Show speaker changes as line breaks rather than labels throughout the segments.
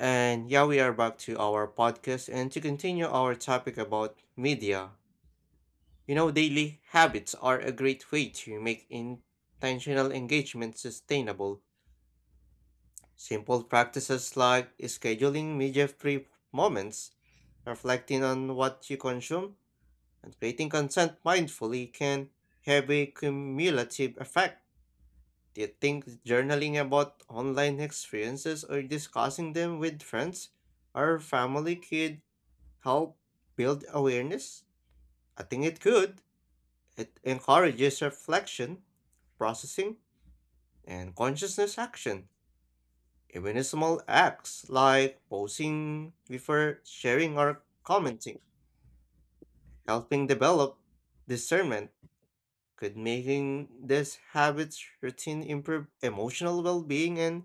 And yeah, we are back to our podcast and to continue our topic about media. You know, daily habits are a great way to make intentional engagement sustainable. Simple practices like scheduling media free moments, reflecting on what you consume, and creating content mindfully can have a cumulative effect. Do you think journaling about online experiences or discussing them with friends or family could help build awareness? I think it could. It encourages reflection, processing, and consciousness action. Even small acts like posing before sharing or commenting, helping develop discernment could making this habits routine improve emotional well-being and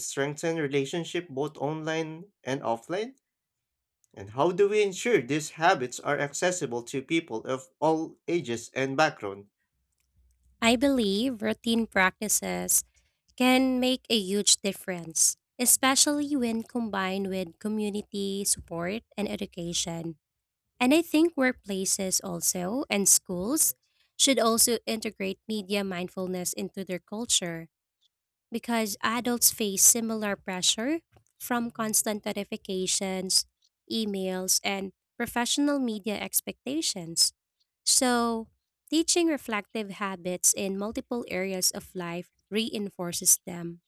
strengthen relationship both online and offline. And how do we ensure these habits are accessible to people of all ages and background?
I believe routine practices can make a huge difference, especially when combined with community support and education. And I think workplaces also and schools should also integrate media mindfulness into their culture because adults face similar pressure from constant notifications, emails, and professional media expectations. So, teaching reflective habits in multiple areas of life reinforces them.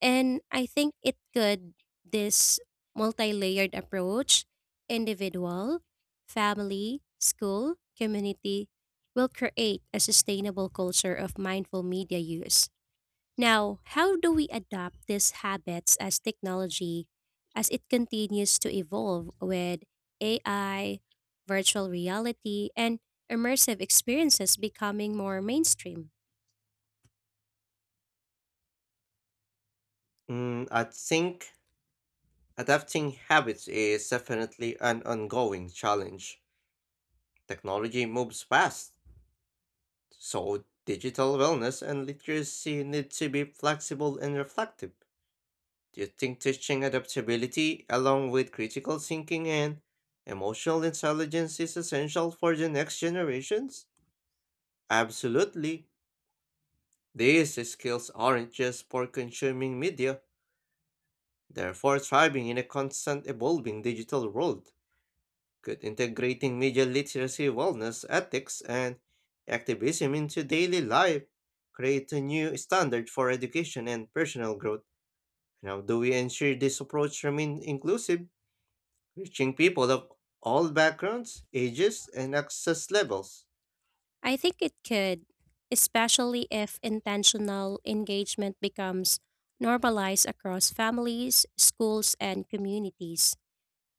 And I think it could, this multi layered approach, individual, family, school, community, will create a sustainable culture of mindful media use. Now, how do we adapt these habits as technology as it continues to evolve with AI, virtual reality, and immersive experiences becoming more mainstream?
I think adapting habits is definitely an ongoing challenge. Technology moves fast, so digital wellness and literacy need to be flexible and reflective. Do you think teaching adaptability along with critical thinking and emotional intelligence is essential for the next generations? Absolutely. These skills aren't just for consuming media, they're for thriving in a constant evolving digital world. Could integrating media literacy, wellness, ethics, and activism into daily life create a new standard for education and personal growth? And how do we ensure this approach remains inclusive, reaching people of all backgrounds, ages, and access levels?
I think it could, especially if intentional engagement becomes normalized across families, schools, and communities.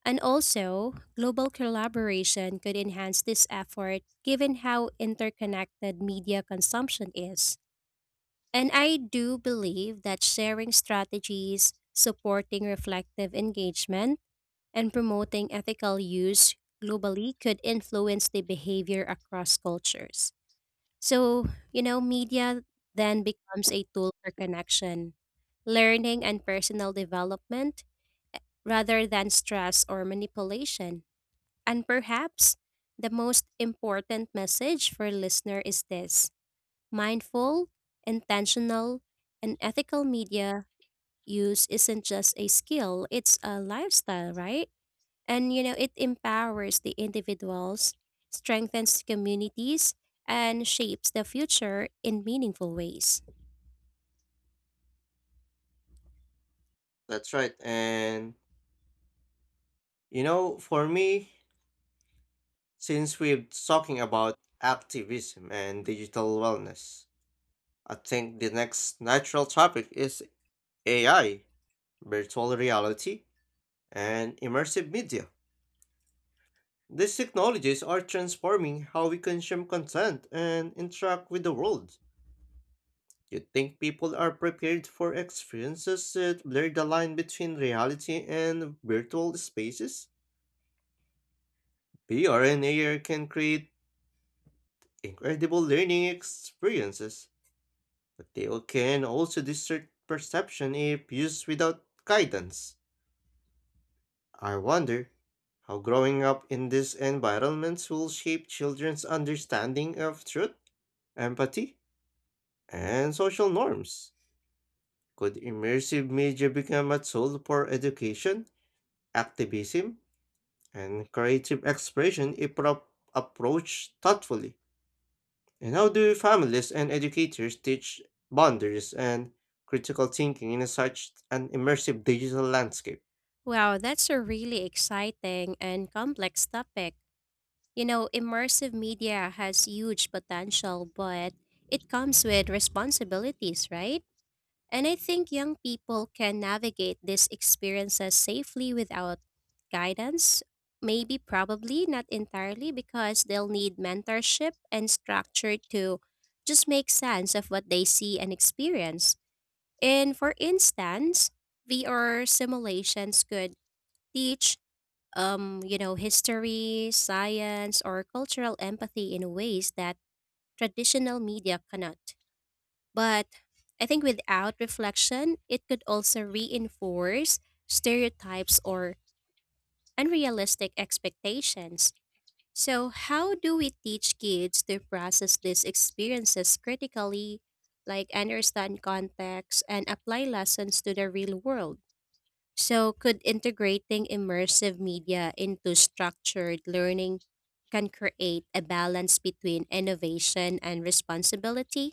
And also, global collaboration could enhance this effort given how interconnected media consumption is. And I do believe that sharing strategies, supporting reflective engagement, and promoting ethical use globally could influence the behavior across cultures. So, media then becomes a tool for connection, learning, and personal development rather than stress or manipulation. And perhaps the most important message for listener is this. Mindful, intentional, and ethical media use isn't just a skill, it's a lifestyle, right? And it empowers the individuals, strengthens communities, and shapes the future in meaningful ways.
That's right. And you know, for me, since we're talking about activism and digital wellness, I think the next natural topic is AI, virtual reality, and immersive media. These technologies are transforming how we consume content and interact with the world. You think people are prepared for experiences that blur the line between reality and virtual spaces? VR and AR can create incredible learning experiences. But they can also distort perception if used without guidance. I wonder how growing up in these environments will shape children's understanding of truth, empathy, and social norms. Could immersive media become a tool for education, activism, and creative expression if approached thoughtfully? And how do families and educators teach boundaries and critical thinking in such an immersive digital landscape?
Wow, that's a really exciting and complex topic. You know, immersive media has huge potential, but it comes with responsibilities, right? And I think young people can navigate these experiences safely without guidance. Maybe, probably not entirely, because they'll need mentorship and structure to just make sense of what they see and experience. And for instance, VR simulations could teach history, science, or cultural empathy in ways that traditional media cannot. But I think without reflection, it could also reinforce stereotypes or unrealistic expectations. So, how do we teach kids to process these experiences critically, like understand context and apply lessons to the real world? So, could integrating immersive media into structured learning can create a balance between innovation and responsibility?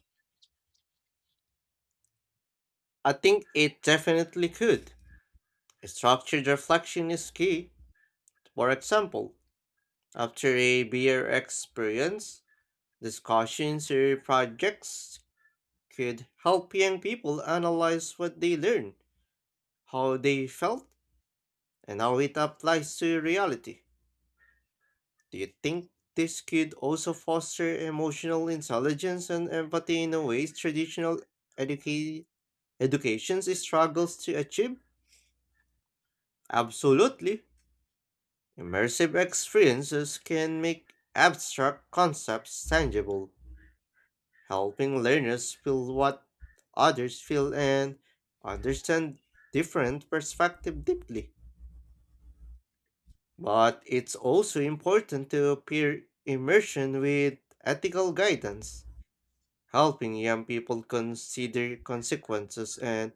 I think it definitely could. Structured reflection is key. For example, after a beer experience, discussions or projects could help young people analyze what they learned, how they felt, and how it applies to reality. Do you think this could also foster emotional intelligence and empathy in a ways traditional educa- education struggles to achieve? Absolutely. Immersive experiences can make abstract concepts tangible, helping learners feel what others feel and understand different perspectives deeply. But it's also important to pair immersion with ethical guidance helping young people consider consequences and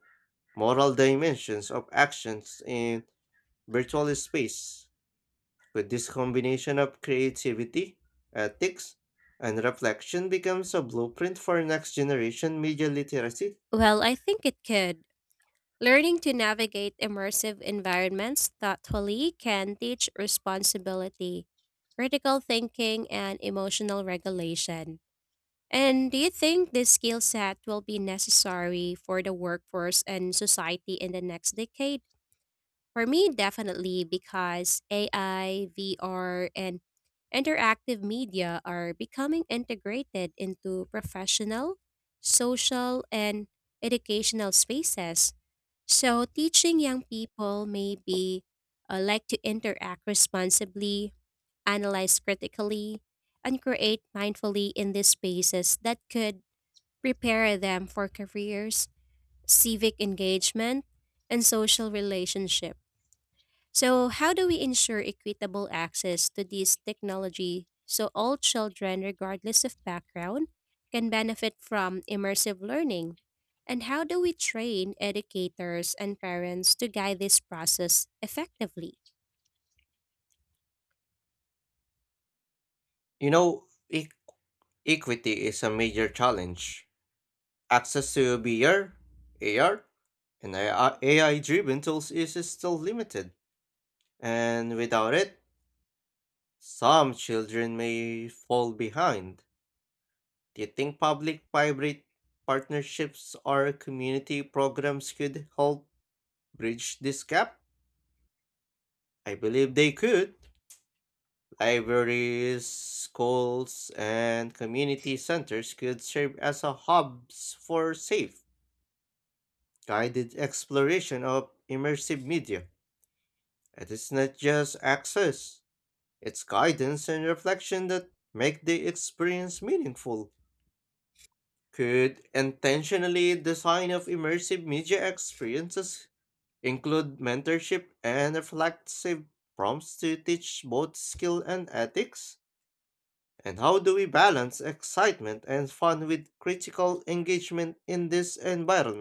moral dimensions of actions in virtual space. With this combination of creativity, ethics, and reflection becomes a blueprint for next generation media literacy.
Well, I think it could. Learning to navigate immersive environments thoughtfully can teach responsibility, critical thinking, and emotional regulation. And do you think this skill set will be necessary for the workforce and society in the next decade? For me, definitely, because AI, VR, and interactive media are becoming integrated into professional, social, and educational spaces. So, teaching young people may be like to interact responsibly, analyze critically, and create mindfully in these spaces that could prepare them for careers, civic engagement, and social relationship. So, how do we ensure equitable access to this technology so all children, regardless of background, can benefit from immersive learning? And how do we train educators and parents to guide this process effectively?
You know, e- equity is a major challenge. Access to VR, AR, and AI driven tools is still limited, and without it, some children may fall behind. Do you think public private partnerships or community programs could help bridge this gap? I believe they could. Libraries, schools, and community centers could serve as a hubs for safe, guided exploration of immersive media. It is not just access, it's guidance and reflection that make the experience meaningful. Could intentionally design of immersive media experiences include mentorship and reflective prompts to teach both skill and ethics? And how do we balance excitement and fun with critical engagement in this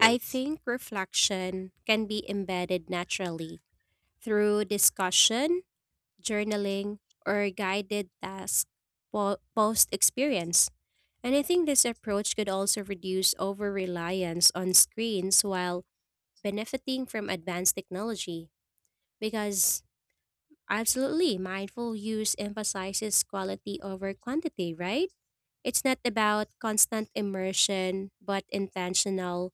I think reflection can be embedded naturally through discussion journaling, or guided task post experience. And I think this approach could also reduce over reliance on screens while benefiting from advanced technology because absolutely. Mindful use emphasizes quality over quantity, right? It's not about constant immersion, but intentional,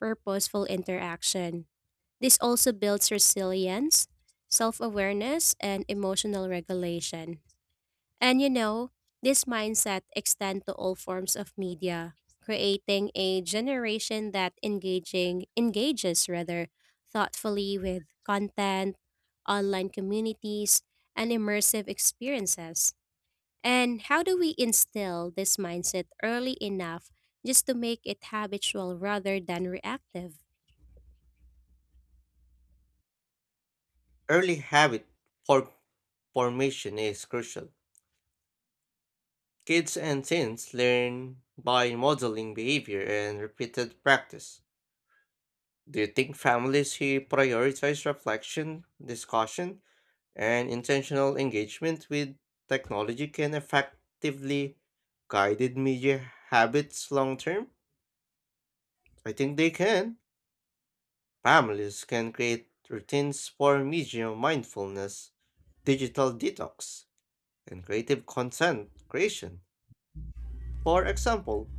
purposeful interaction. This also builds resilience, self awareness, and emotional regulation. And this mindset extends to all forms of media, creating a generation that engaging engages rather thoughtfully with content, online communities, and immersive experiences. And how do we instill this mindset early enough just to make it habitual rather than reactive?
Early habit for formation is crucial. Kids and teens learn by modeling behavior and repeated practice. Do you think families who prioritize reflection, discussion, and intentional engagement with technology can effectively guided media habits long term? I think they can. Families can create routines for media mindfulness, digital detox, and creative content creation. For example,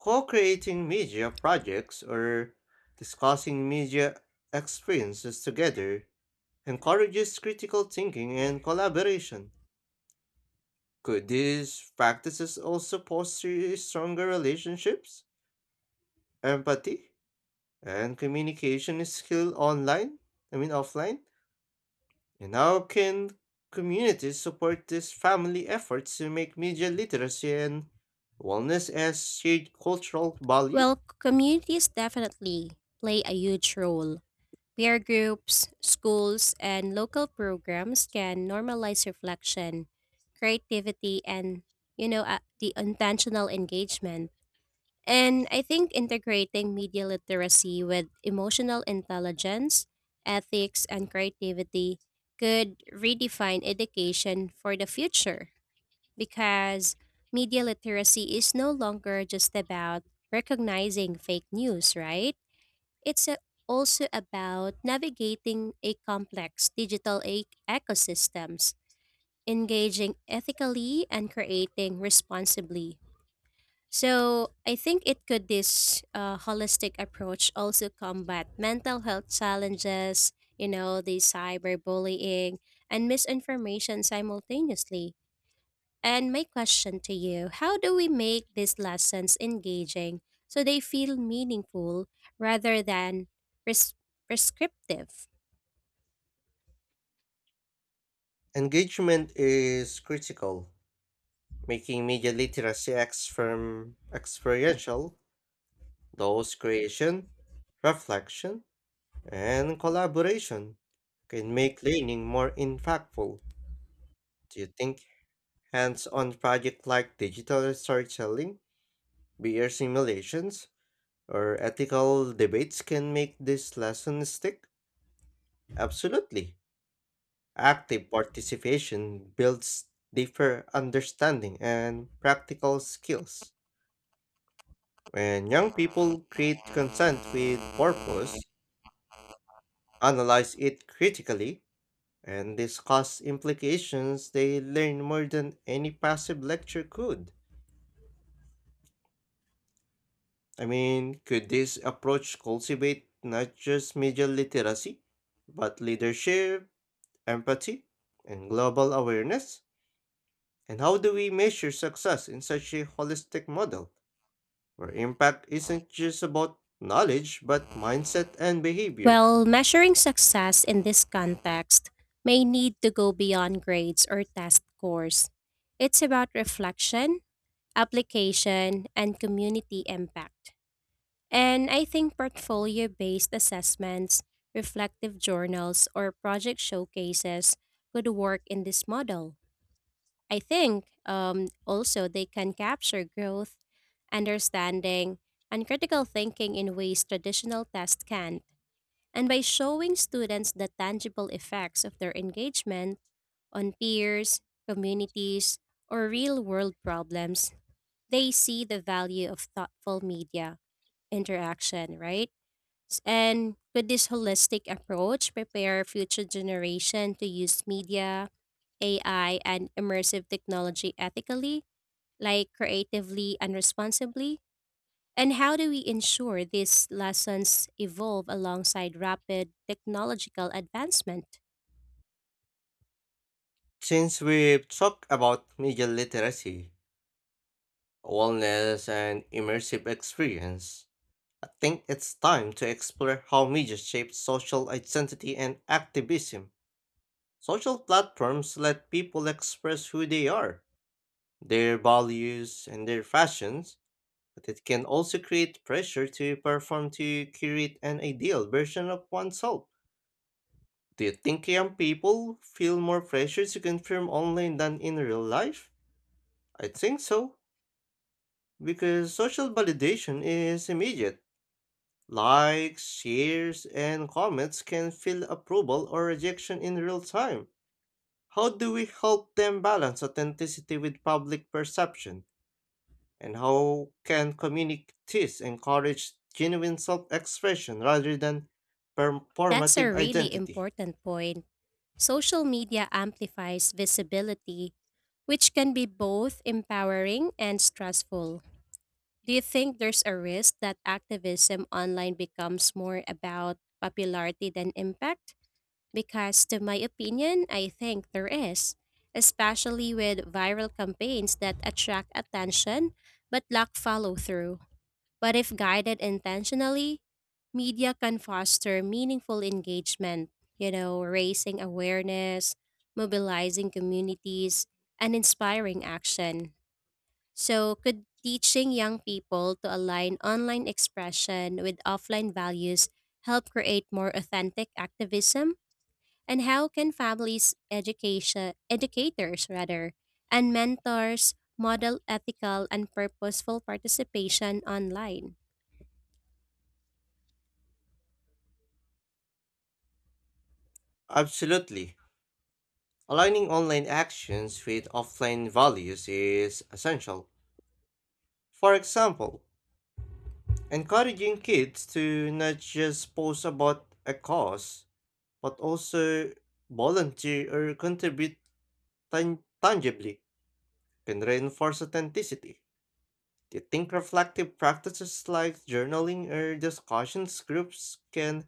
co creating media projects or discussing media experiences together encourages critical thinking and collaboration. Could these practices also foster stronger relationships, empathy, and communication skill online? I mean, offline? And how can communities support these family efforts to make media literacy and wellness as shared cultural value?
Well, communities definitely play a huge role. Peer groups, schools, and local programs can normalize reflection, creativity, and, the intentional engagement. And I think integrating media literacy with emotional intelligence, ethics, and creativity could redefine education for the future because media literacy is no longer just about recognizing fake news, right? It's a, also about navigating a complex digital ecosystems, engaging ethically and creating responsibly. So I think it could this holistic approach also combat mental health challenges, the cyberbullying and misinformation simultaneously. And my question to you how do we make these lessons engaging so they feel meaningful rather than pres- prescriptive?
Engagement is critical, making media literacy acts from experiential, those creation, reflection, and collaboration can make learning more impactful. Do you think hands-on projects like digital storytelling, VR simulations, or ethical debates can make this lesson stick? Absolutely. Active participation builds deeper understanding and practical skills. When young people create content with purpose, analyze it critically, and discuss implications, they learn more than any passive lecture could. I mean, could this approach cultivate not just media literacy, but leadership, empathy, and global awareness? And how do we measure success in such a holistic model, where impact isn't just about knowledge, but mindset and behavior?
Well, measuring success in this context may need to go beyond grades or test scores. It's about reflection, application, and community impact. And I think portfolio based assessments, reflective journals, or project showcases could work in this model. I think also they can capture growth, understanding, and critical thinking in ways traditional tests can't. And by showing students the tangible effects of their engagement on peers, communities, or real world problems, they see the value of thoughtful media interaction, right? And with this holistic approach, prepare future generation to use media, AI, and immersive technology ethically, like creatively and responsibly. And how do we ensure these lessons evolve alongside rapid technological advancement?
Since we've talked about media literacy, wellness, and immersive experience, I think it's time to explore how media shapes social identity and activism. Social platforms let people express who they are, their values, and their fashions, but it can also create pressure to perform to create an ideal version of oneself. Do you think young people feel more pressure to confirm online than in real life? I think so, because social validation is immediate. Likes, shares, and comments can feel approval or rejection in real time. How do we help them balance authenticity with public perception? And how can communities encourage genuine self expression rather than
That's a
performative
really
identity?
important point. Social media amplifies visibility, which can be both empowering and stressful. Do you think there's a risk that activism online becomes more about popularity than impact? Because, to my opinion, I think there is, especially with viral campaigns that attract attention but lack follow through. But if guided intentionally, media can foster meaningful engagement, raising awareness, mobilizing communities, and inspiring action. So, could teaching young people to align online expression with offline values help create more authentic activism? And how can families, education, educators rather, and mentors model ethical and purposeful participation online?
Absolutely. Aligning online actions with offline values is essential. For example, encouraging kids to not just post about a cause but also volunteer or contribute tangibly can reinforce authenticity. Do you think reflective practices like journaling or discussions groups can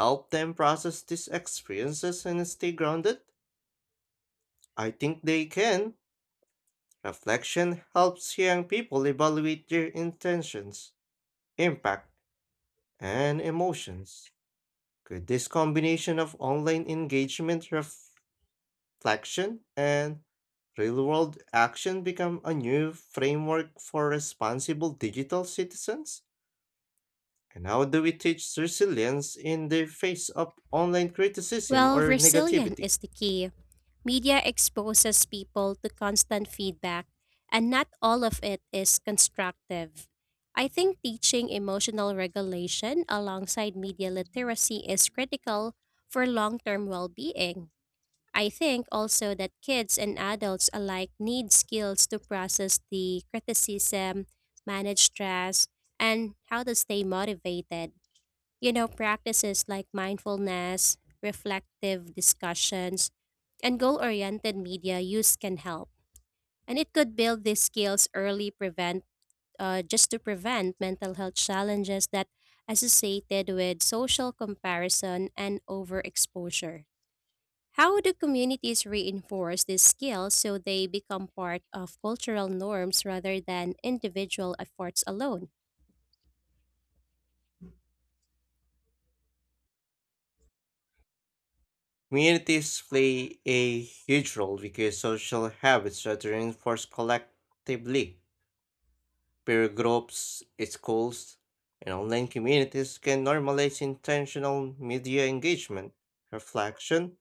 help them process these experiences and stay grounded? I think they can. Reflection helps young people evaluate their intentions, impact, and emotions. Could this combination of online engagement, reflection, and real-world action become a new framework for responsible digital citizens? And how do we teach resilience in the face of online criticism
Well,
or
resilient
negativity?
is the key. Media exposes people to constant feedback, and not all of it is constructive. I think teaching emotional regulation alongside media literacy is critical for long term well being. I think also that kids and adults alike need skills to process the criticism, manage stress, and how to stay motivated. Practices like mindfulness, reflective discussions, and goal oriented media use can help. And it could build these skills early, prevent just to prevent mental health challenges that associated with social comparison and overexposure. How do communities reinforce these skills so they become part of cultural norms rather than individual efforts alone?
Communities play a huge role because social habits are reinforced collectively. Peer groups, schools, and online communities can normalize intentional media engagement, reflection,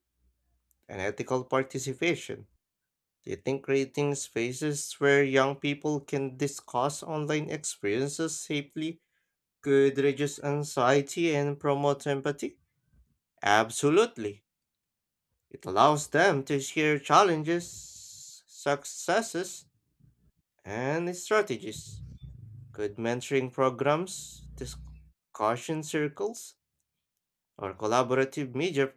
and ethical participation. Do you think creating spaces where young people can discuss online experiences safely could reduce anxiety and promote empathy? Absolutely. It allows them to share challenges, successes, and strategies. Good mentoring programs, discussion circles, or collaborative media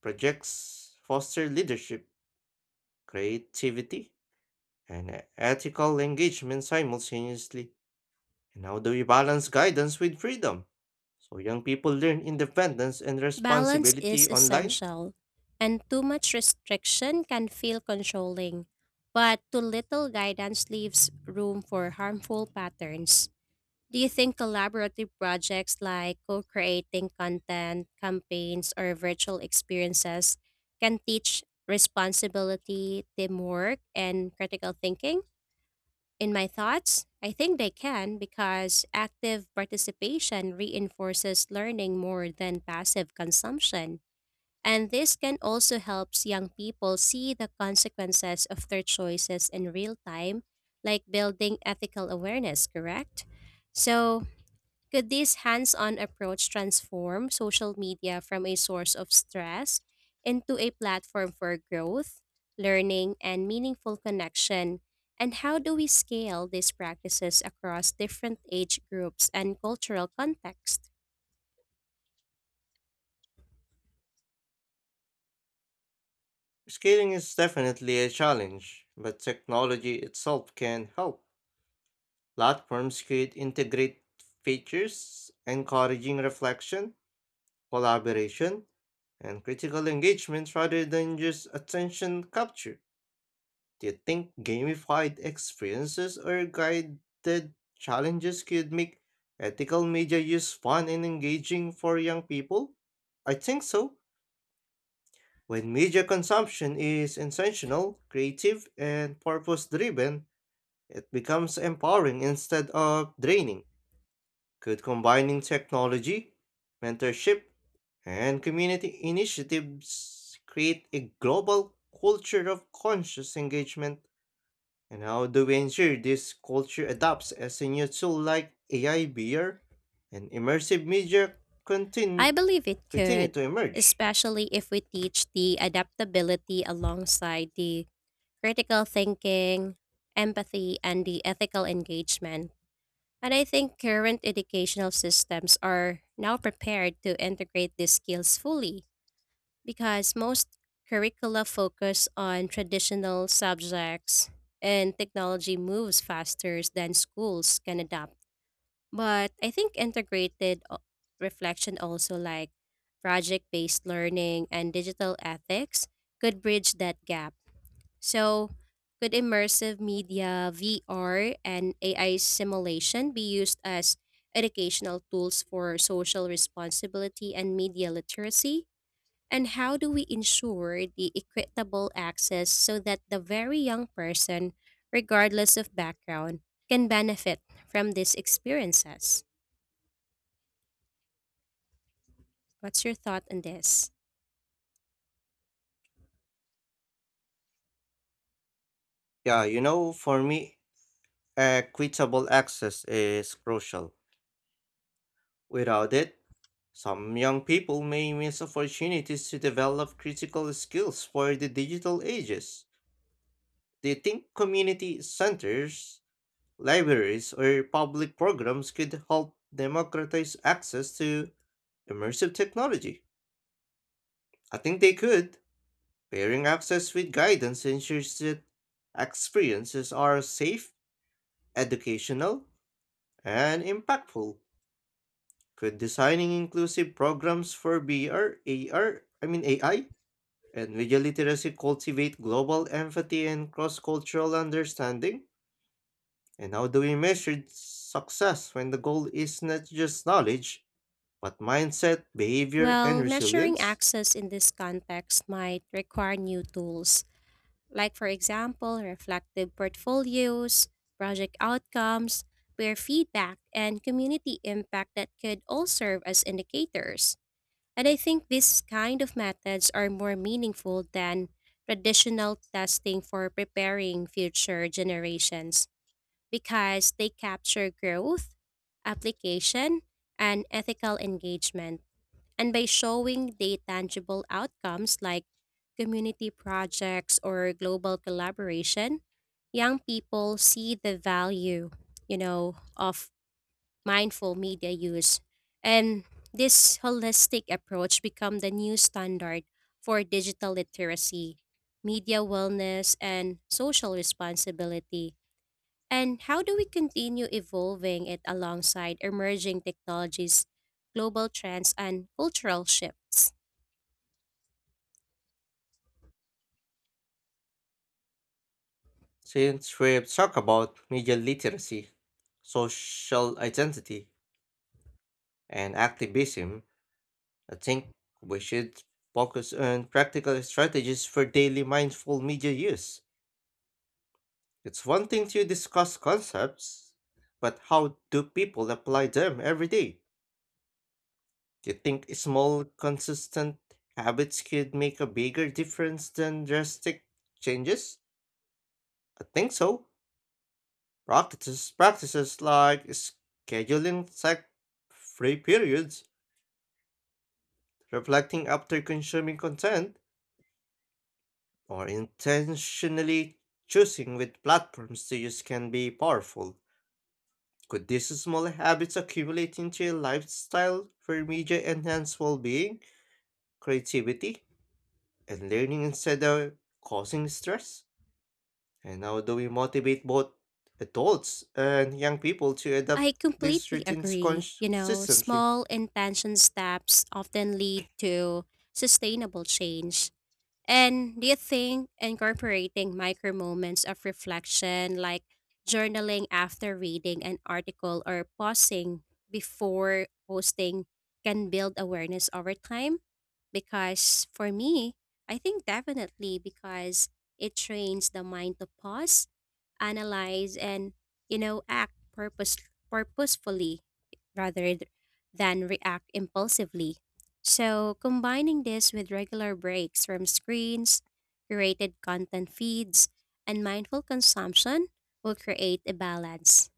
projects foster leadership, creativity, and ethical engagement simultaneously. And how do we balance guidance with freedom? So young people learn independence and
Balance is
responsibility online.
essential, and too much restriction can feel controlling, but too little guidance leaves room for harmful patterns. Do you think collaborative projects like co creating content, campaigns, or virtual experiences can teach responsibility, teamwork, and critical thinking? In my thoughts, I think they can because active participation reinforces learning more than passive consumption. And this can also helps young people see the consequences of their choices in real time, like building ethical awareness, correct? So, could this hands on approach transform social media from a source of stress into a platform for growth, learning, and meaningful connection? And how do we scale these practices across different age groups and cultural contexts?
Scaling is definitely a challenge, but technology itself can help. Platforms could integrate features encouraging reflection, collaboration, and critical engagement rather than just attention capture. Do you think gamified experiences or guided challenges could make ethical media use fun and engaging for young people? I think so. When media consumption is intentional, creative, and purpose driven, it becomes empowering instead of draining. Could combining technology, mentorship, and community initiatives create a global culture of conscious engagement? And how do we ensure this culture adapts as a new tool like AI VR and immersive media
I
contin-
believe it
continue
could,
to emerge?
especially if we teach the adaptability alongside the critical thinking, empathy, and the ethical engagement. And I think current educational systems are now prepared to integrate these skills fully because most curricula focus on traditional subjects and technology moves faster than schools can adapt. But I think integrated reflection also like project-based learning and digital ethics could bridge that gap so, could immersive media, VR, and AI simulation be used as educational tools for social responsibility and media literacy? And how do we ensure the equitable access so that the very young person, regardless of background, can benefit from these experiences? What's your thought on this?
Yeah, you know, for me, equitable access is crucial. Without it, some young people may miss opportunities to develop critical skills for the digital ages. Do you think community centers, libraries, or public programs could help democratize access to immersive technology? I think they could. Pairing access with guidance ensures that experiences are safe, educational, and impactful. Could designing inclusive programs for BR, mean AI, and media literacy cultivate global empathy and cross-cultural understanding? And how do we measure success when the goal is not just knowledge, but mindset, behavior, and
Well, measuring
resilience?
access in this context might require new tools like for example, reflective portfolios, project outcomes, peer feedback, and community impact that could all serve as indicators. And I think these kind of methods are more meaningful than traditional testing for preparing future generations because they capture growth, application, and ethical engagement. And by showing the tangible outcomes like community projects or global collaboration, young people see the value, of mindful media use. And this holistic approach become the new standard for digital literacy, media wellness and social responsibility. And how do we continue evolving it alongside emerging technologies, global trends, and cultural shifts?
Since we've talked about media literacy, social identity, and activism, I think we should focus on practical strategies for daily mindful media use. It's one thing to discuss concepts, but how do people apply them every day? Do you think small, consistent habits could make a bigger difference than drastic changes? I think so. Practices like scheduling sec free periods, reflecting after consuming content, or intentionally choosing which platforms to use can be powerful. Could these small habits accumulate into a lifestyle for media enhance well being, creativity, and learning instead of causing stress? And how do we motivate both adults and young people to
I
adopt these
completely
routines
agree. You know,
consistently?
small intention steps often lead to sustainable change. And do you think incorporating micro moments of reflection, like journaling after reading an article or pausing before posting, can build awareness over time? Because for me, I think definitely because it trains the mind to pause, analyze, and act purposefully rather than react impulsively. So, combining this with regular breaks from screens, curated content feeds, and mindful consumption will create a balance.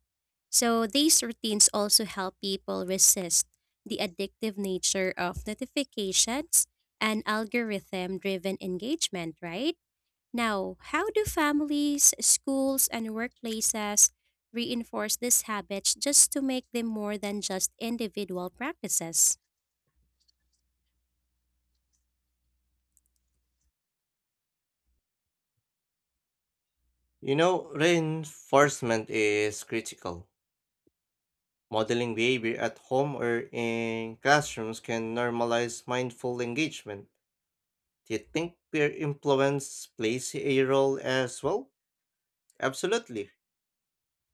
So, these routines also help people resist the addictive nature of notifications and algorithm driven engagement, right? Now, how do families, schools, and workplaces reinforce these habits just to make them more than just individual practices?
You know, reinforcement is critical. Modeling behavior at home or in classrooms can normalize mindful engagement. Do you think peer influence plays a role as well? Absolutely.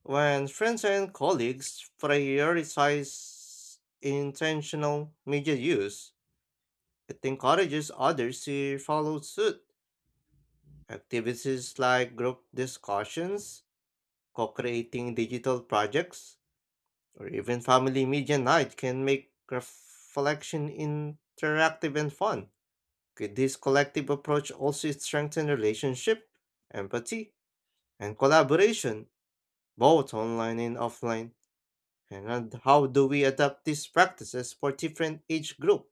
When friends and colleagues prioritize intentional media use, it encourages others to follow suit. Activities like group discussions, co creating digital projects, or even family media night can make reflection interactive and fun. Could this collective approach also strengthen relationship, empathy, and collaboration, both online and offline? And how do we adapt these practices for different age group,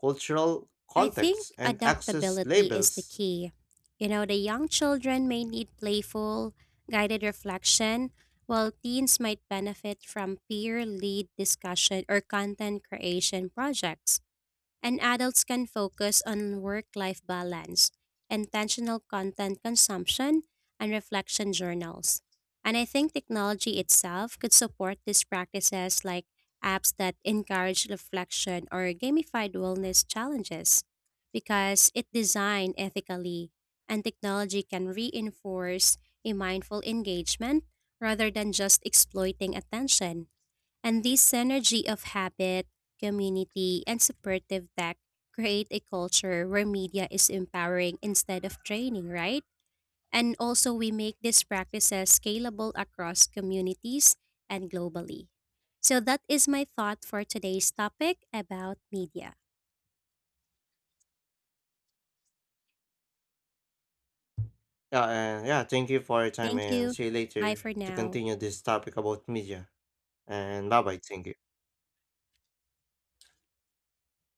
cultural
I
contexts,
think
and access
adaptability is the
labels?
key. The young children may need playful, guided reflection, while teens might benefit from peer lead discussion or content creation projects and adults can focus on work life balance, intentional content consumption, and reflection journals. And I think technology itself could support these practices like apps that encourage reflection or gamified wellness challenges because it designed ethically and technology can reinforce a mindful engagement rather than just exploiting attention. And this synergy of habit, community, and supportive tech create a culture where media is empowering instead of training, right? And also, we make these practices scalable across communities and globally. So, that is my thought for today's topic about media.
Yeah, and yeah, thank you for your time
Thank
and
you.
see you
Bye
later
for
to
now.
continue this topic about media. And bye bye, thank you.